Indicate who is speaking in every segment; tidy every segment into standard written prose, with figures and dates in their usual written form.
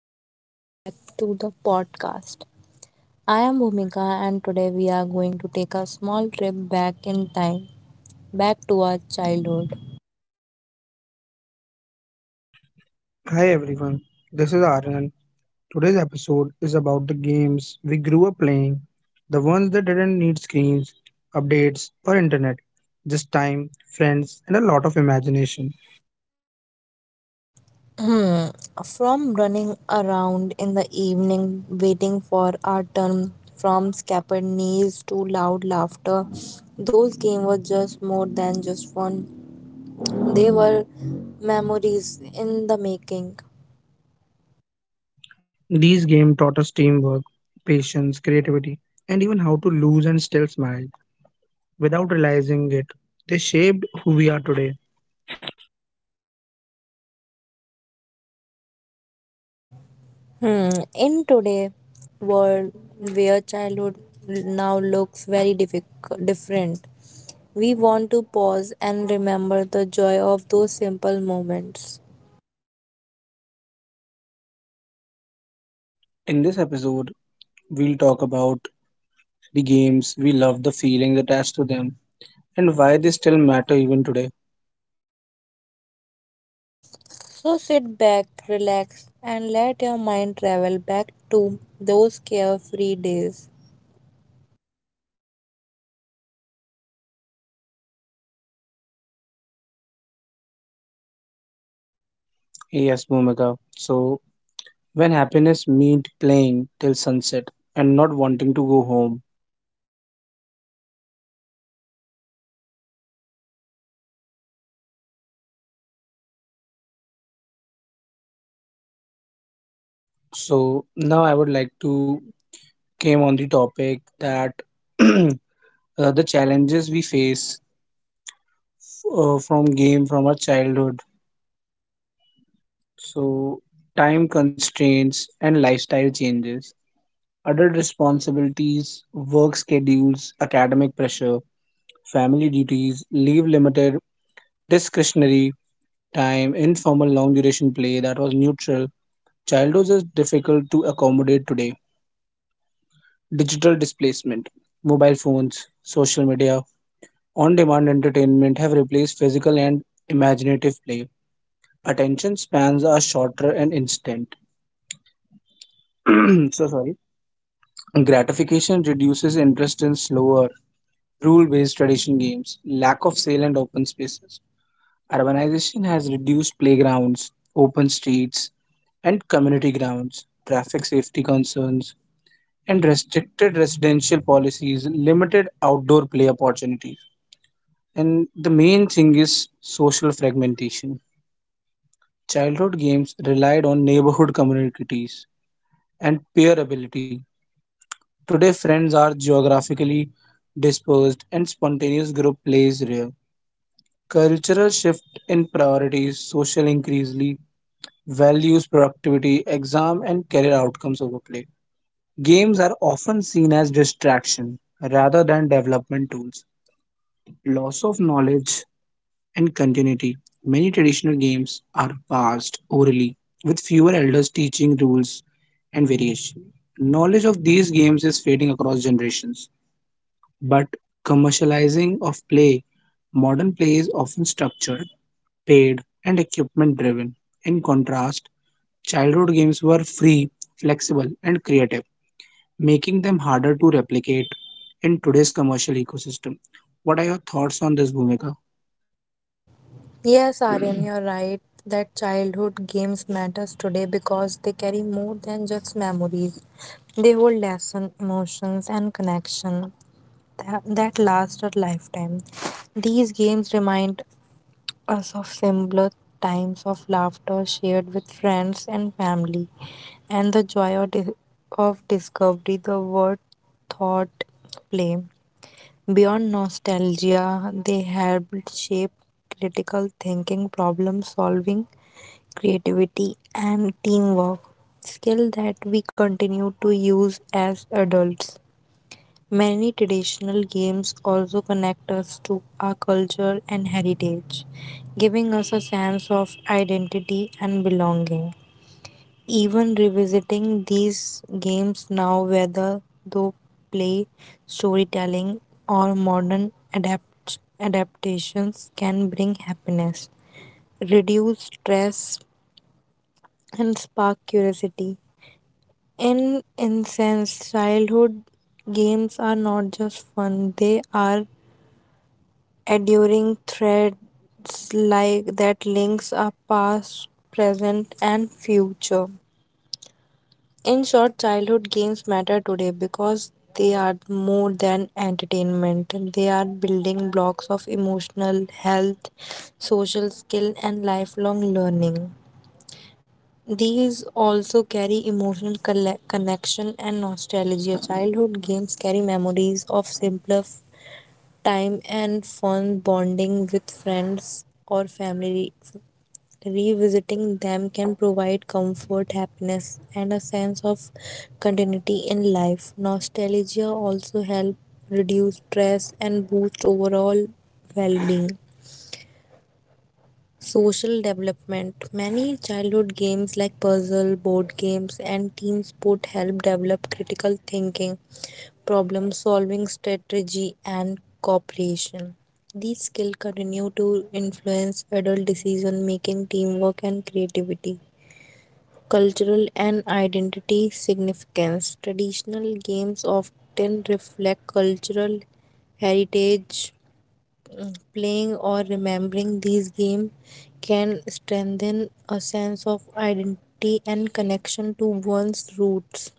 Speaker 1: welcome back to the podcast. I am Bhumika, and today we are going to take a small trip back in time, back to our childhood.
Speaker 2: Hi everyone, this is Aryan. Today's episode is about the games we grew up playing, the ones that didn't need screens, updates, or internet, just time, friends, and a lot of imagination.
Speaker 1: From running around in the evening, waiting for our turn, from scattered knees to loud laughter, those games were just more than just fun. They were memories in the making.
Speaker 2: These games taught us teamwork, patience, creativity, and even how to lose and still smile without realizing it. They shaped who we are today.
Speaker 1: Hmm. In today world where childhood now looks very difficult, different, we want to pause and remember the joy of those simple moments.
Speaker 2: In this episode, we'll talk about the games we love, the feelings attached to them, and why they still matter even today.
Speaker 1: So sit back, relax, and let your mind travel back to those carefree days.
Speaker 2: Yes, Bhumika. So when happiness meant playing till sunset and not wanting to go home, so now I would like to came on the topic that uh, the challenges we face from game from our childhood. So, time constraints and lifestyle changes, adult responsibilities, work schedules, academic pressure, family duties leave limited discretionary time. Informal long duration play that was neutral childhood is difficult to accommodate today. Digital displacement, mobile phones, social media, on demand entertainment have replaced physical and imaginative play. Attention spans are shorter and instant. So sorry. Gratification reduces interest in slower, rule based tradition games, lack of sale and open spaces. Urbanization has reduced playgrounds, open streets, and community grounds. Traffic safety concerns and restricted residential policies, limited outdoor play opportunities. And the main thing is social fragmentation. Childhood games relied on neighborhood communities and peer ability. Today, friends are geographically dispersed and spontaneous group play is rare. Cultural shift in priorities, social increasingly values productivity, exam, and career outcomes over play. Games are often seen as distraction rather than development tools. Loss of knowledge and continuity. Many traditional games are passed orally, with fewer elders teaching rules and variation. Knowledge of these games is fading across generations, but commercializing of play, modern play is often structured, paid, and equipment driven. In contrast, childhood games were free, flexible, and creative, making them harder to replicate in today's commercial ecosystem. What are your thoughts on this, Bhumika?
Speaker 1: Yes, Aryan, you're right that childhood games matters today because they carry more than just memories. They hold lesson, emotions, and connection that last a lifetime. These games remind us of simpler times of laughter shared with friends and family, and the joy of discovery, the word thought play. Beyond nostalgia, they helped shape critical thinking, problem solving, creativity, and teamwork, skill that we continue to use as adults. Many traditional games also connect us to our culture and heritage, giving us a sense of identity and belonging. Even revisiting these games now, whether through play, storytelling, or modern adaptations, can bring happiness, reduce stress, and spark curiosity. In sense, childhood games are not just fun; they are enduring threads like that links up past, present, and future. In short, childhood games matter today because they are more than entertainment. They are building blocks of emotional health, social skill, and lifelong learning. These also carry emotional connection and nostalgia. Childhood games carry memories of simpler time and fun bonding with friends or family. Revisiting them can provide comfort, happiness, and a sense of continuity in life. Nostalgia also helps reduce stress and boost overall well being. Social development. Many childhood games like puzzle, board games, and team sport help develop critical thinking, problem solving strategy, and cooperation. These skills continue to influence adult decision making, teamwork, and creativity. Cultural and identity significance. Traditional games often reflect cultural heritage. Playing or remembering these games can strengthen a sense of identity and connection to one's roots,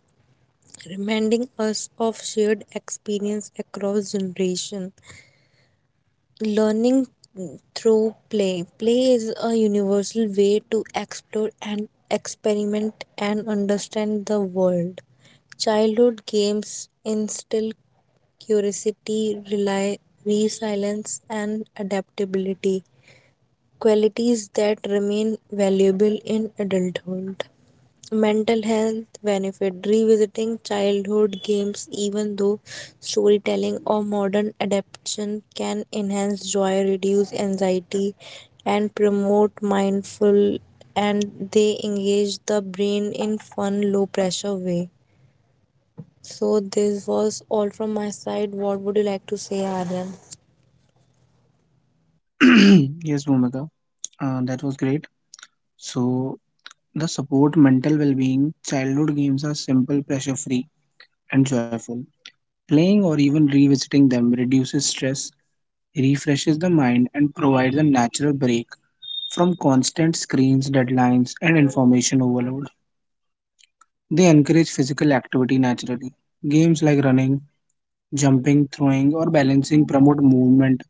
Speaker 1: reminding us of shared experience across generation. Learning through play is a universal way to explore and experiment and understand the world. Childhood games instill curiosity, rely resilience and adaptability, qualities that remain valuable in adulthood. Mental health benefit, revisiting childhood games, even though storytelling or modern adaptation can enhance joy, reduce anxiety, and promote mindful, and they engage the brain in fun, low pressure way. So this was all from my side. What would you like to say, Aryan?
Speaker 2: Yes, Bhumika, that was great. So, the support mental well being, childhood games are simple, pressure free, and joyful. Playing or even revisiting them reduces stress, refreshes the mind, and provides a natural break from constant screens, deadlines, and information overload. They encourage physical activity naturally. Games like running, jumping, throwing, or balancing promote movement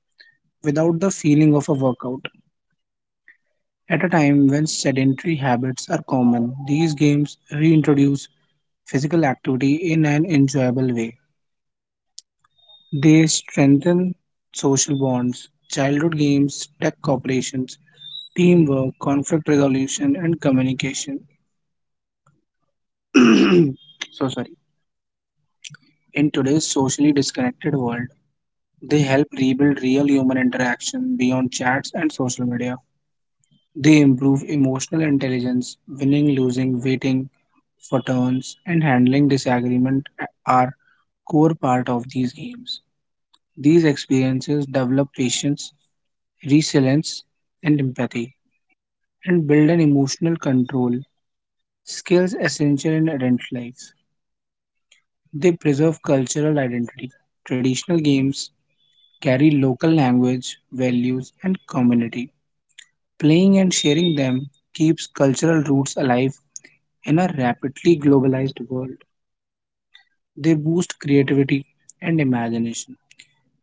Speaker 2: without the feeling of a workout. At a time when sedentary habits are common, these games reintroduce physical activity in an enjoyable way. They strengthen social bonds. Childhood games, tech cooperations, teamwork, conflict resolution, and communication. So sorry. In today's socially disconnected world, they help rebuild real human interaction beyond chats and social media. They improve emotional intelligence. Winning, losing, waiting, photons, and handling disagreement are core part of these games. These experiences develop patience, resilience, and empathy, and build an emotional control, skills essential in adult life. They preserve cultural identity. Traditional games carry local language, values, and community. Playing and sharing them keeps cultural roots alive in a rapidly globalized world. They boost creativity and imagination.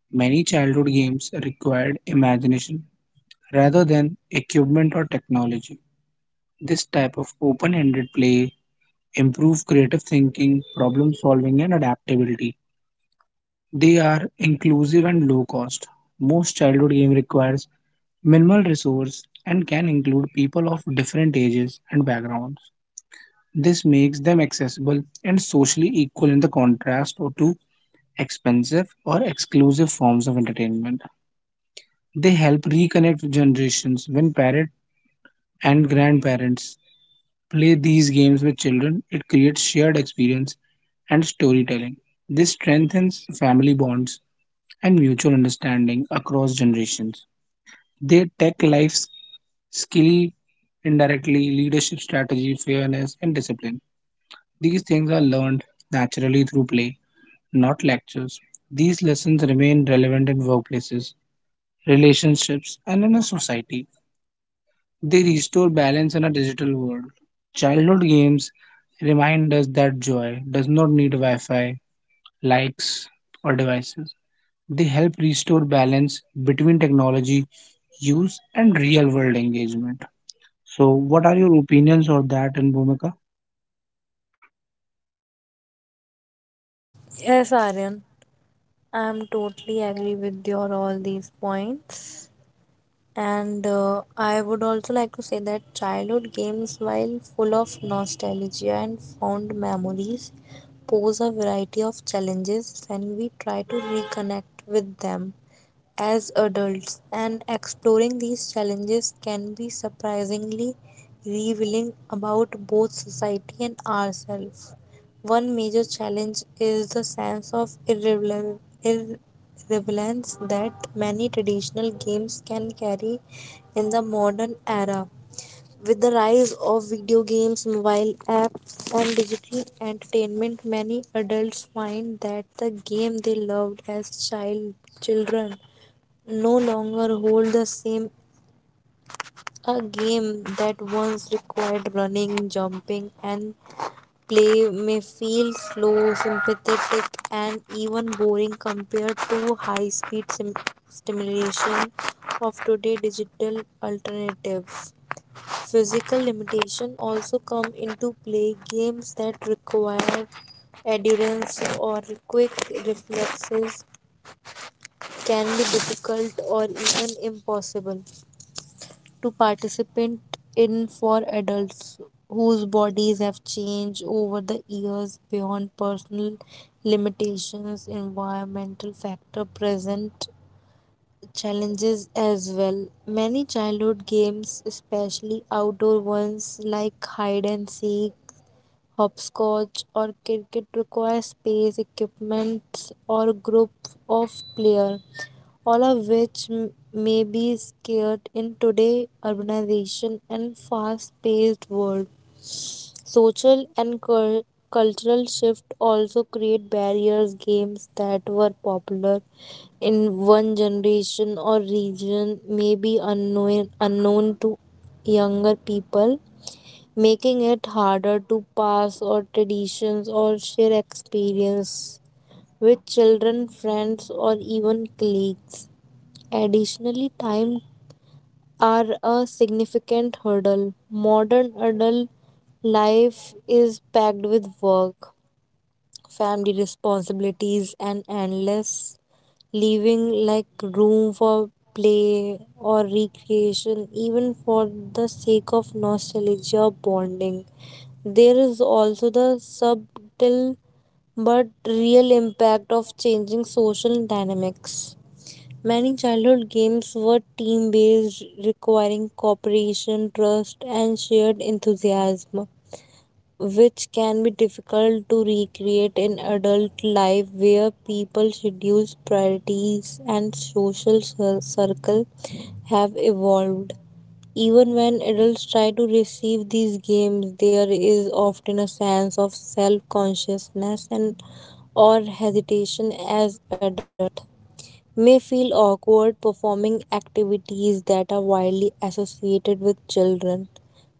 Speaker 2: Many childhood games required imagination rather than equipment or technology. This type of open ended play improves creative thinking, problem solving, and adaptability. They are inclusive and low cost. Most childhood game requires minimal resource and can include people of different ages and backgrounds. This makes them accessible and socially equal in the contrast to expensive or exclusive forms of entertainment. They help reconnect generations. When parents and grandparents play these games with children, it creates shared experience and storytelling. This strengthens family bonds and mutual understanding across generations. They tech life skill indirectly, leadership strategy, fairness, and discipline. These things are learned naturally through play, not lectures. These lessons remain relevant in workplaces, relationships, and in a society. They restore balance in a digital world. Childhood games remind us that joy does not need Wi Fi, likes, or devices. They help restore balance between technology use and real world engagement. So, what are your opinions on that? And Bhumika,
Speaker 1: Yes, Aryan. I am totally agree with your all these points. And I would also like to say that childhood games, while full of nostalgia and fond memories, pose a variety of challenges when we try to reconnect with them as adults, and exploring these challenges can be surprisingly revealing about both society and ourselves. One major challenge is the sense of irrelevance that many traditional games can carry in the modern era. With the rise of video games, mobile apps, and digital entertainment, many adults find that the game they loved as children no longer hold the same. A game that once required running, jumping, and play may feel slow, sympathetic, and even boring compared to high speed stimulation of today's digital alternatives. Physical limitation also come into play. Games that require endurance or quick reflexes can be difficult or even impossible to participate in for adults whose bodies have changed over the years. Beyond personal limitations, environmental factor present challenges as well. Many childhood games, especially outdoor ones like hide and seek, hopscotch or cricket require space, equipment or group of players, all of which may be scared in today's urbanization and fast-paced world. Social and cultural shift also create barriers. Games that were popular in one generation or region may be unknown to younger people, making it harder to pass on traditions or share experience with children, friends, or even colleagues. Additionally, time are a significant hurdle. Modern adult life is packed with work, family responsibilities, and endless, leaving like room for play or recreation, even for the sake of nostalgia or bonding. There is also the subtle but real impact of changing social dynamics. Many childhood games were team based, requiring cooperation, trust, and shared enthusiasm, which can be difficult to recreate in adult life where people schedules, priorities, and social circle have evolved. Even when adults try to receive these games, there is often a sense of self consciousness and or hesitation, as adult may feel awkward performing activities that are widely associated with children.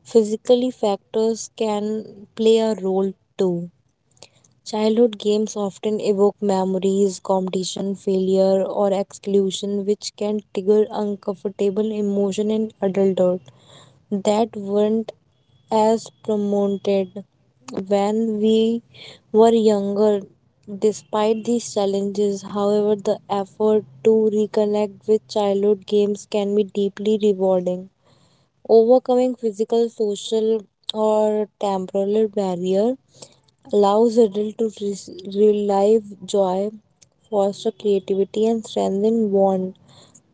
Speaker 1: Physically factors can play a role too. Childhood games often evoke memories, competition, failure, or exclusion, which can trigger uncomfortable emotion in adulthood that weren't as promoted when we were younger. Despite these challenges, however, the effort to reconnect with childhood games can be deeply rewarding. Overcoming physical, social, or temporal barrier allows adults to relive joy, foster creativity, and strengthen bond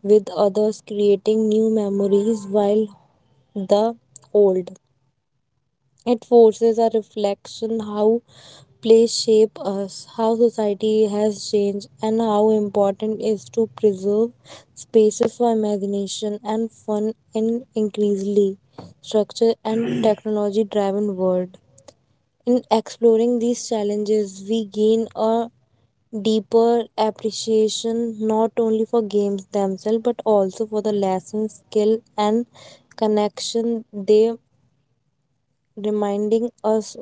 Speaker 1: with others, creating new memories while the old. It forces a reflection how play shape us, how society has changed, and how important it is to preserve spaces for imagination and fun in increasingly structure and technology driven world. In exploring these challenges, we gain a deeper appreciation not only for games themselves but also for the lessons, skill, and connection they, reminding us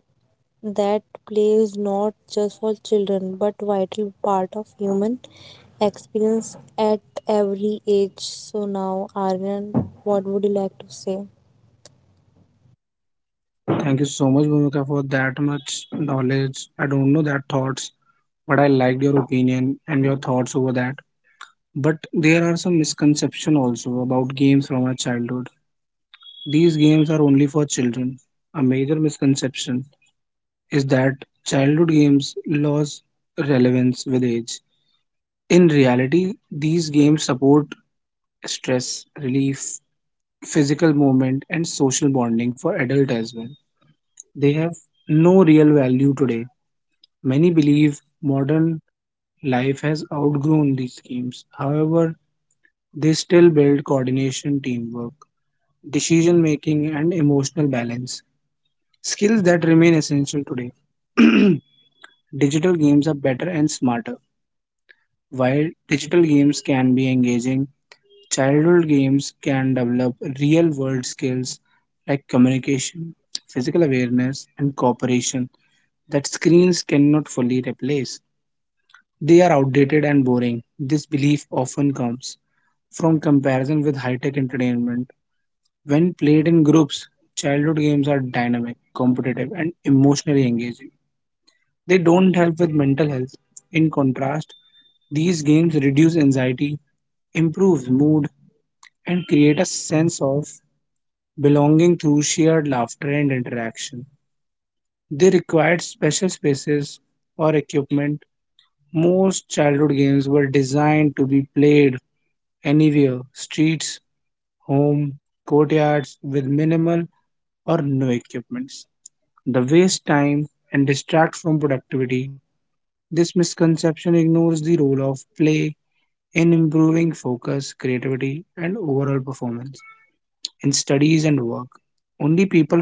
Speaker 1: that play is not just for children but vital part of human experience at every age. So now, Aryan, what would you like to say?
Speaker 2: thank you so much, Bhumika, for that much knowledge. I don't know that thoughts, but I liked your opinion and your thoughts over that. But there are some misconceptions also about games from our childhood. These games are only for children. A major misconception is that childhood games lose relevance with age. In reality, these games support stress relief, physical movement, and social bonding for adults as well. They have no real value today. Many believe modern life has outgrown these games. However, they still build coordination, teamwork, decision making, and emotional balance. Skills that remain essential today. Digital games are better and smarter. While digital games can be engaging, childhood games can develop real world skills like communication, physical awareness, and cooperation that screens cannot fully replace. They are outdated and boring. This belief often comes from comparison with high tech entertainment. When played in groups, childhood games are dynamic, competitive, and emotionally engaging. They don't help with mental health. In contrast, these games reduce anxiety, improve mood, and create a sense of belonging through shared laughter and interaction. They required special spaces or equipment. Most childhood games were designed to be played anywhere, streets, home, courtyards, with minimal or no equipments. The waste time and distract from productivity. This misconception ignores the role of play in improving focus, creativity, and overall performance. In studies and work, only people from certain backgrounds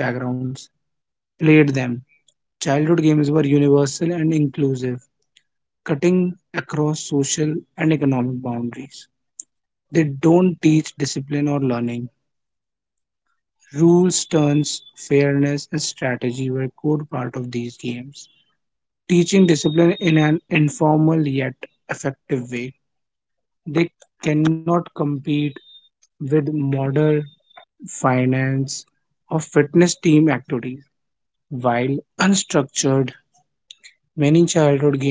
Speaker 2: played them. Childhood games were universal and inclusive, cutting across social and economic boundaries. They don't teach discipline or learning. Rules, turns, fairness, and strategy were core part of these games. Teaching discipline in an informal yet effective way. They cannot compete with modern finance, or fitness team activities. While unstructured, many childhood games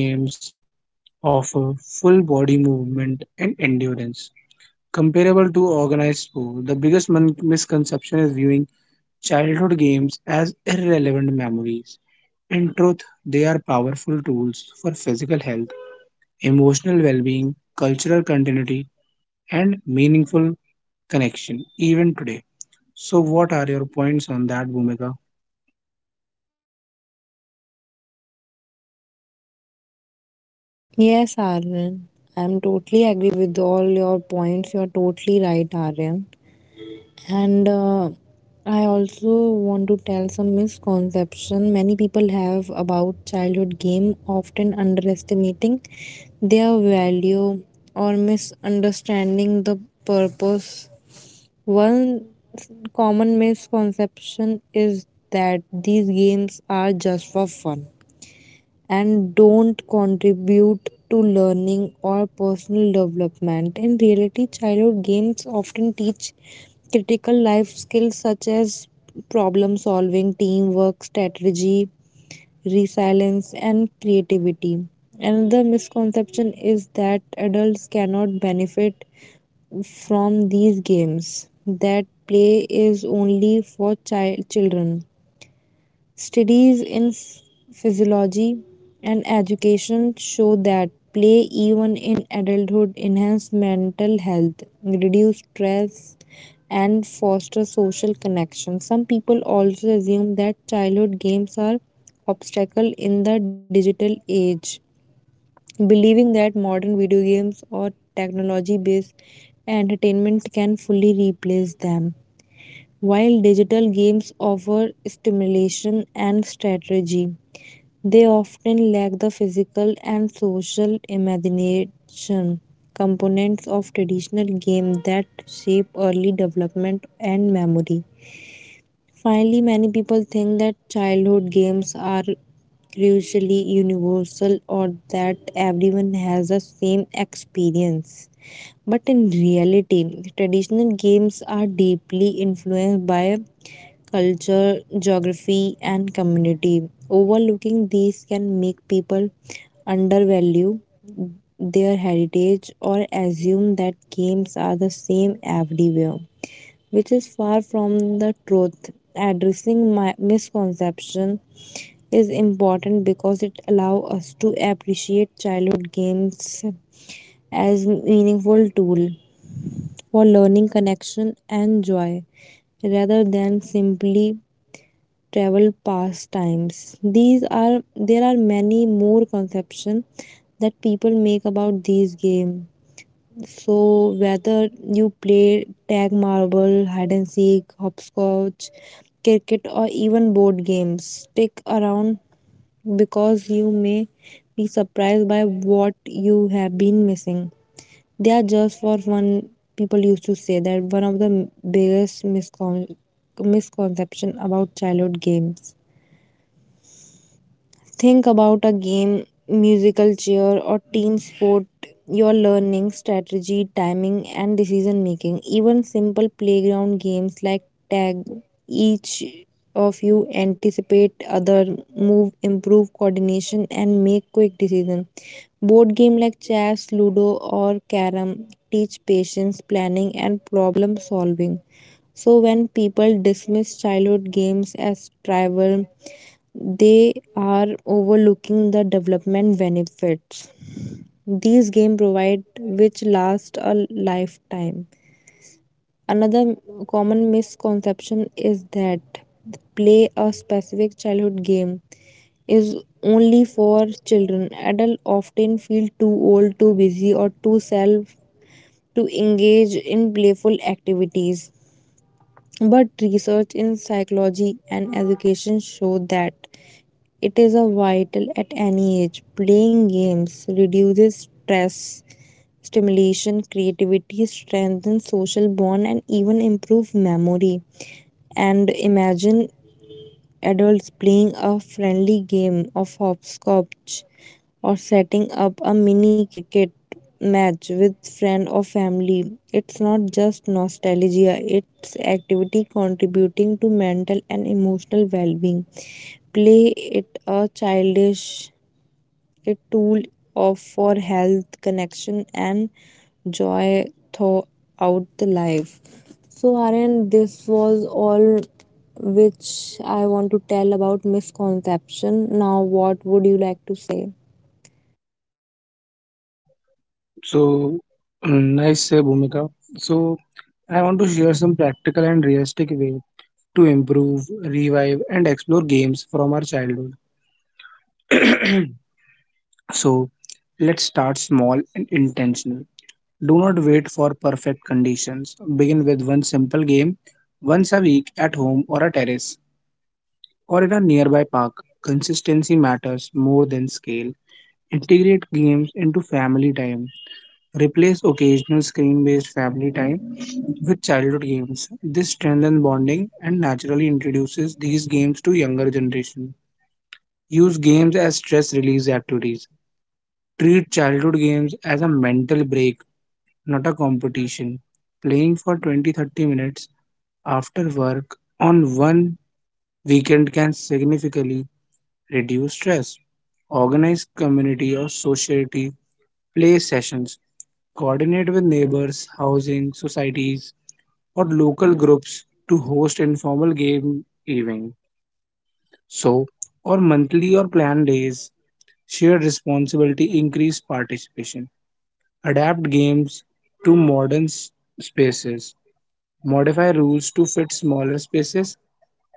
Speaker 2: offer full body movement and endurance. Comparable to organized sport, the biggest misconception is viewing childhood games as irrelevant memories. In truth, they are powerful tools for physical health, emotional well being, cultural continuity, and meaningful connection, even today. So, what are your points on that, Bhumika?
Speaker 1: Yes, Aryan. I'm totally agree with all your points. You're totally right, Aryan. And I also want to tell some misconception many people have about childhood game, often underestimating their value or misunderstanding the purpose. One s- common misconception is that these games are just for fun and don't contribute to learning or personal development. In reality, childhood games often teach critical life skills such as problem solving, teamwork, strategy, resilience, and creativity. Another misconception is that adults cannot benefit from these games, that play is only for children. Studies in physiology and education show that play, even in adulthood, enhances mental health, reduce stress, and foster social connection. Some people also assume that childhood games are obstacle in the digital age, believing that modern video games or technology-based entertainment can fully replace them. While digital games offer stimulation and strategy, they often lack the physical and social imagination components of traditional games that shape early development and memory. Finally, many people think that childhood games are crucially universal or that everyone has the same experience. But in reality, traditional games are deeply influenced by culture, geography, and community. Overlooking these can make people undervalue their heritage or assume that games are the same everywhere, which is far from the truth. Addressing my misconception is important because it allows us to appreciate childhood games as meaningful tool for learning connection and joy rather than simply travel past times. These are, there are many more conceptions that people make about these games. So whether you play tag marble, hide and seek, hopscotch, cricket or even board games, stick around because you may be surprised by what you have been missing. They are just for fun. People used to say that one of the biggest misconception about childhood games. Think about a game, musical chair, or team sport. Your learning, strategy, timing, and decision making. Even simple playground games like tag, each of you anticipate other move, improve coordination, and make quick decisions. Board game like chess, ludo, or carom teach patience, planning, and problem solving. So when people dismiss childhood games as trivial, they are overlooking the development benefits. These games provide which last a lifetime. Another common misconception is that play a specific childhood game is only for children. Adults often feel too old, too busy, or too self to engage in playful activities. But research in psychology and education show that it is a vital at any age. Playing games reduces stress, stimulation, creativity, strengthens social bond and even improve memory and imagine adults playing a friendly game of hopscotch or setting up a mini cricket match with friend or family. It's not just nostalgia, it's activity contributing to mental and emotional well-being. Play it a childish a tool of for health, connection and joy throughout the life. So, Aryan, this was all which I want to tell about misconception. Now, what would you like to say?
Speaker 2: So, nice, Bhumika. So, I want to share some practical and realistic way to improve, revive, and explore games from our childhood. So, let's start small and intentional. Do not wait for perfect conditions. Begin with one simple game once a week at home or a terrace or in a nearby park. Consistency matters more than scale. Integrate games into family time. Replace occasional screen based family time with childhood games. This strengthens bonding and naturally introduces these games to younger generation. Use games as stress release activities. Treat childhood games as a mental break, not a competition. Playing for 20-30 minutes after work on one weekend can significantly reduce stress. Organize community or society play sessions. Coordinate with neighbors, housing, societies, or local groups to host informal game evening. So, or monthly or planned days, shared responsibility increase participation. Adapt games to modern spaces. Modify rules to fit smaller spaces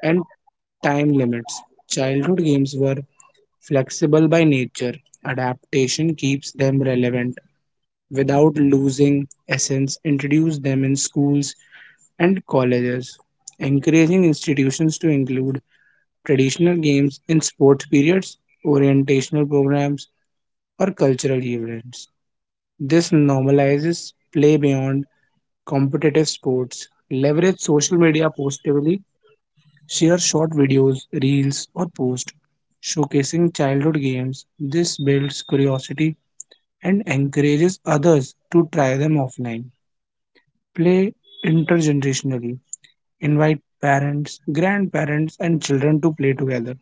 Speaker 2: and time limits. Childhood games were flexible by nature. Adaptation keeps them relevant without losing essence. Introduce them in schools and colleges, encouraging institutions to include traditional games in sports periods, orientational programs, or cultural events. This normalizes play beyond competitive sports. Leverage social media positively, share short videos, reels, or posts showcasing childhood games. This builds curiosity and encourages others to try them offline. Play intergenerationally. Invite parents, grandparents, and children to play together.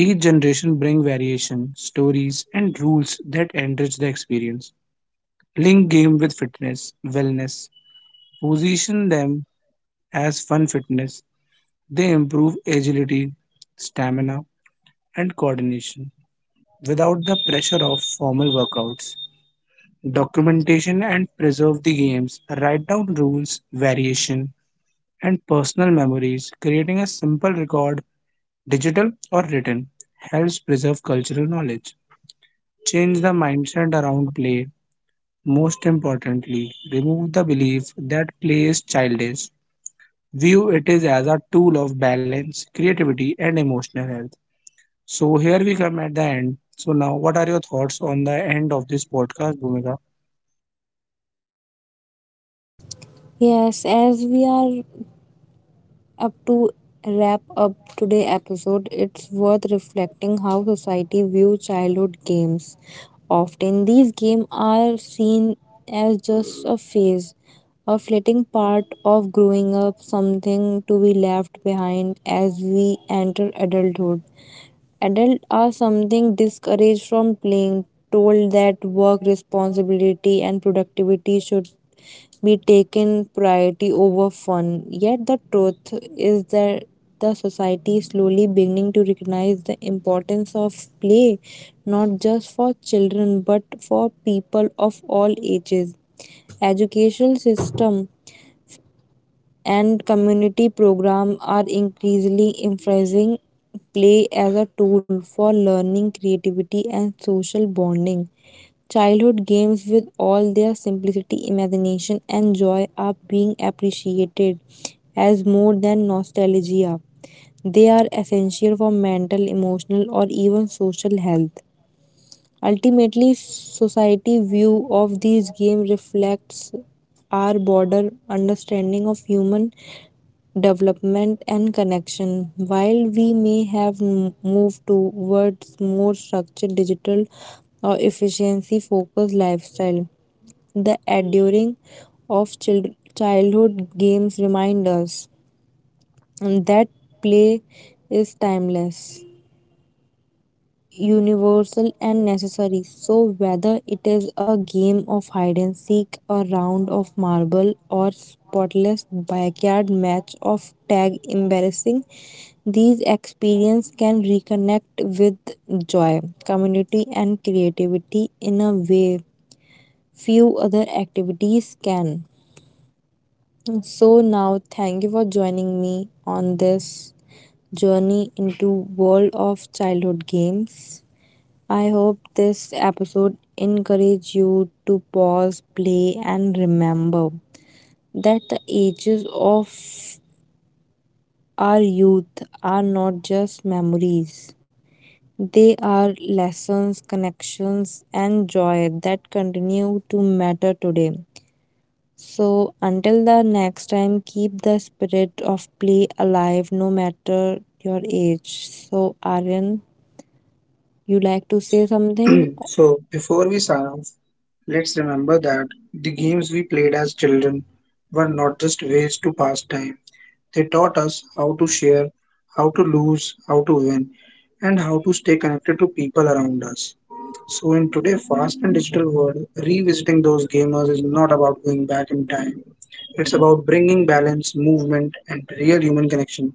Speaker 2: Each generation bring variation, stories, and rules that enrich the experience. Link game with fitness, wellness. Position them as fun fitness. They improve agility, stamina, and coordination without the pressure of formal workouts. Documentation and preserve the games. Write down rules, variation, and personal memories, creating a simple record, digital or written, helps preserve cultural knowledge. Change the mindset around play. Most importantly, remove the belief that play is childish. View it is as a tool of balance, creativity, and emotional health. So here we come at the end. So now, what are your thoughts on the end of this podcast, Bhumika?
Speaker 1: Yes, as we are up to wrap up today episode, it's worth reflecting how society view childhood games. Often these games are seen as just a phase, a fleeting part of growing up, something to be left behind as we enter adulthood. Adults are something discouraged from playing, told that work responsibility and productivity should be taken priority over fun. Yet the truth is that the society is slowly beginning to recognize the importance of play, not just for children but for people of all ages. Educational system and community program are increasingly emphasizing play as a tool for learning, creativity, and social bonding. Childhood games, with all their simplicity, imagination, and joy, are being appreciated as more than nostalgia. They are essential for mental, emotional, or even social health. Ultimately, society view of these games reflects our broader understanding of human development and connection. While we may have moved towards more structured digital or efficiency focused lifestyle, the enduring of childhood games remind us that play is timeless universal and necessary. So, whether it is a game of hide and seek, a round of marble, or spotless backyard match of tag embarrassing, these experiences can reconnect with joy, community, and creativity in a way few other activities can. So now thank you for joining me on this journey into world of childhood games. I hope this episode encourage you to pause, play and remember that the ages of our youth are not just memories. They are lessons, connections and joy that continue to matter today. So until the next time keep the spirit of play alive no matter your age. So Aryan, you like to say something?
Speaker 2: So, before we sign off, let's remember that the games we played as children were not just ways to pass time. They taught us how to share, how to lose, how to win, and how to stay connected to people around us. So, in today's fast and digital world, revisiting those gamers is not about going back in time. It's about bringing balance, movement, and real human connection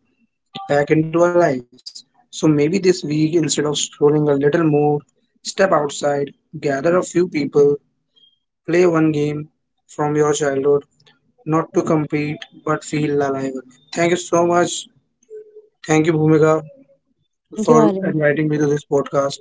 Speaker 2: back into our lives. So, maybe this week, instead of scrolling a little more, step outside, gather a few people, play one game from your childhood, not to compete, but feel alive again. Thank you so much. Thank you, Bhumika,
Speaker 1: Thank you
Speaker 2: for
Speaker 1: Aryan.
Speaker 2: inviting me to this podcast.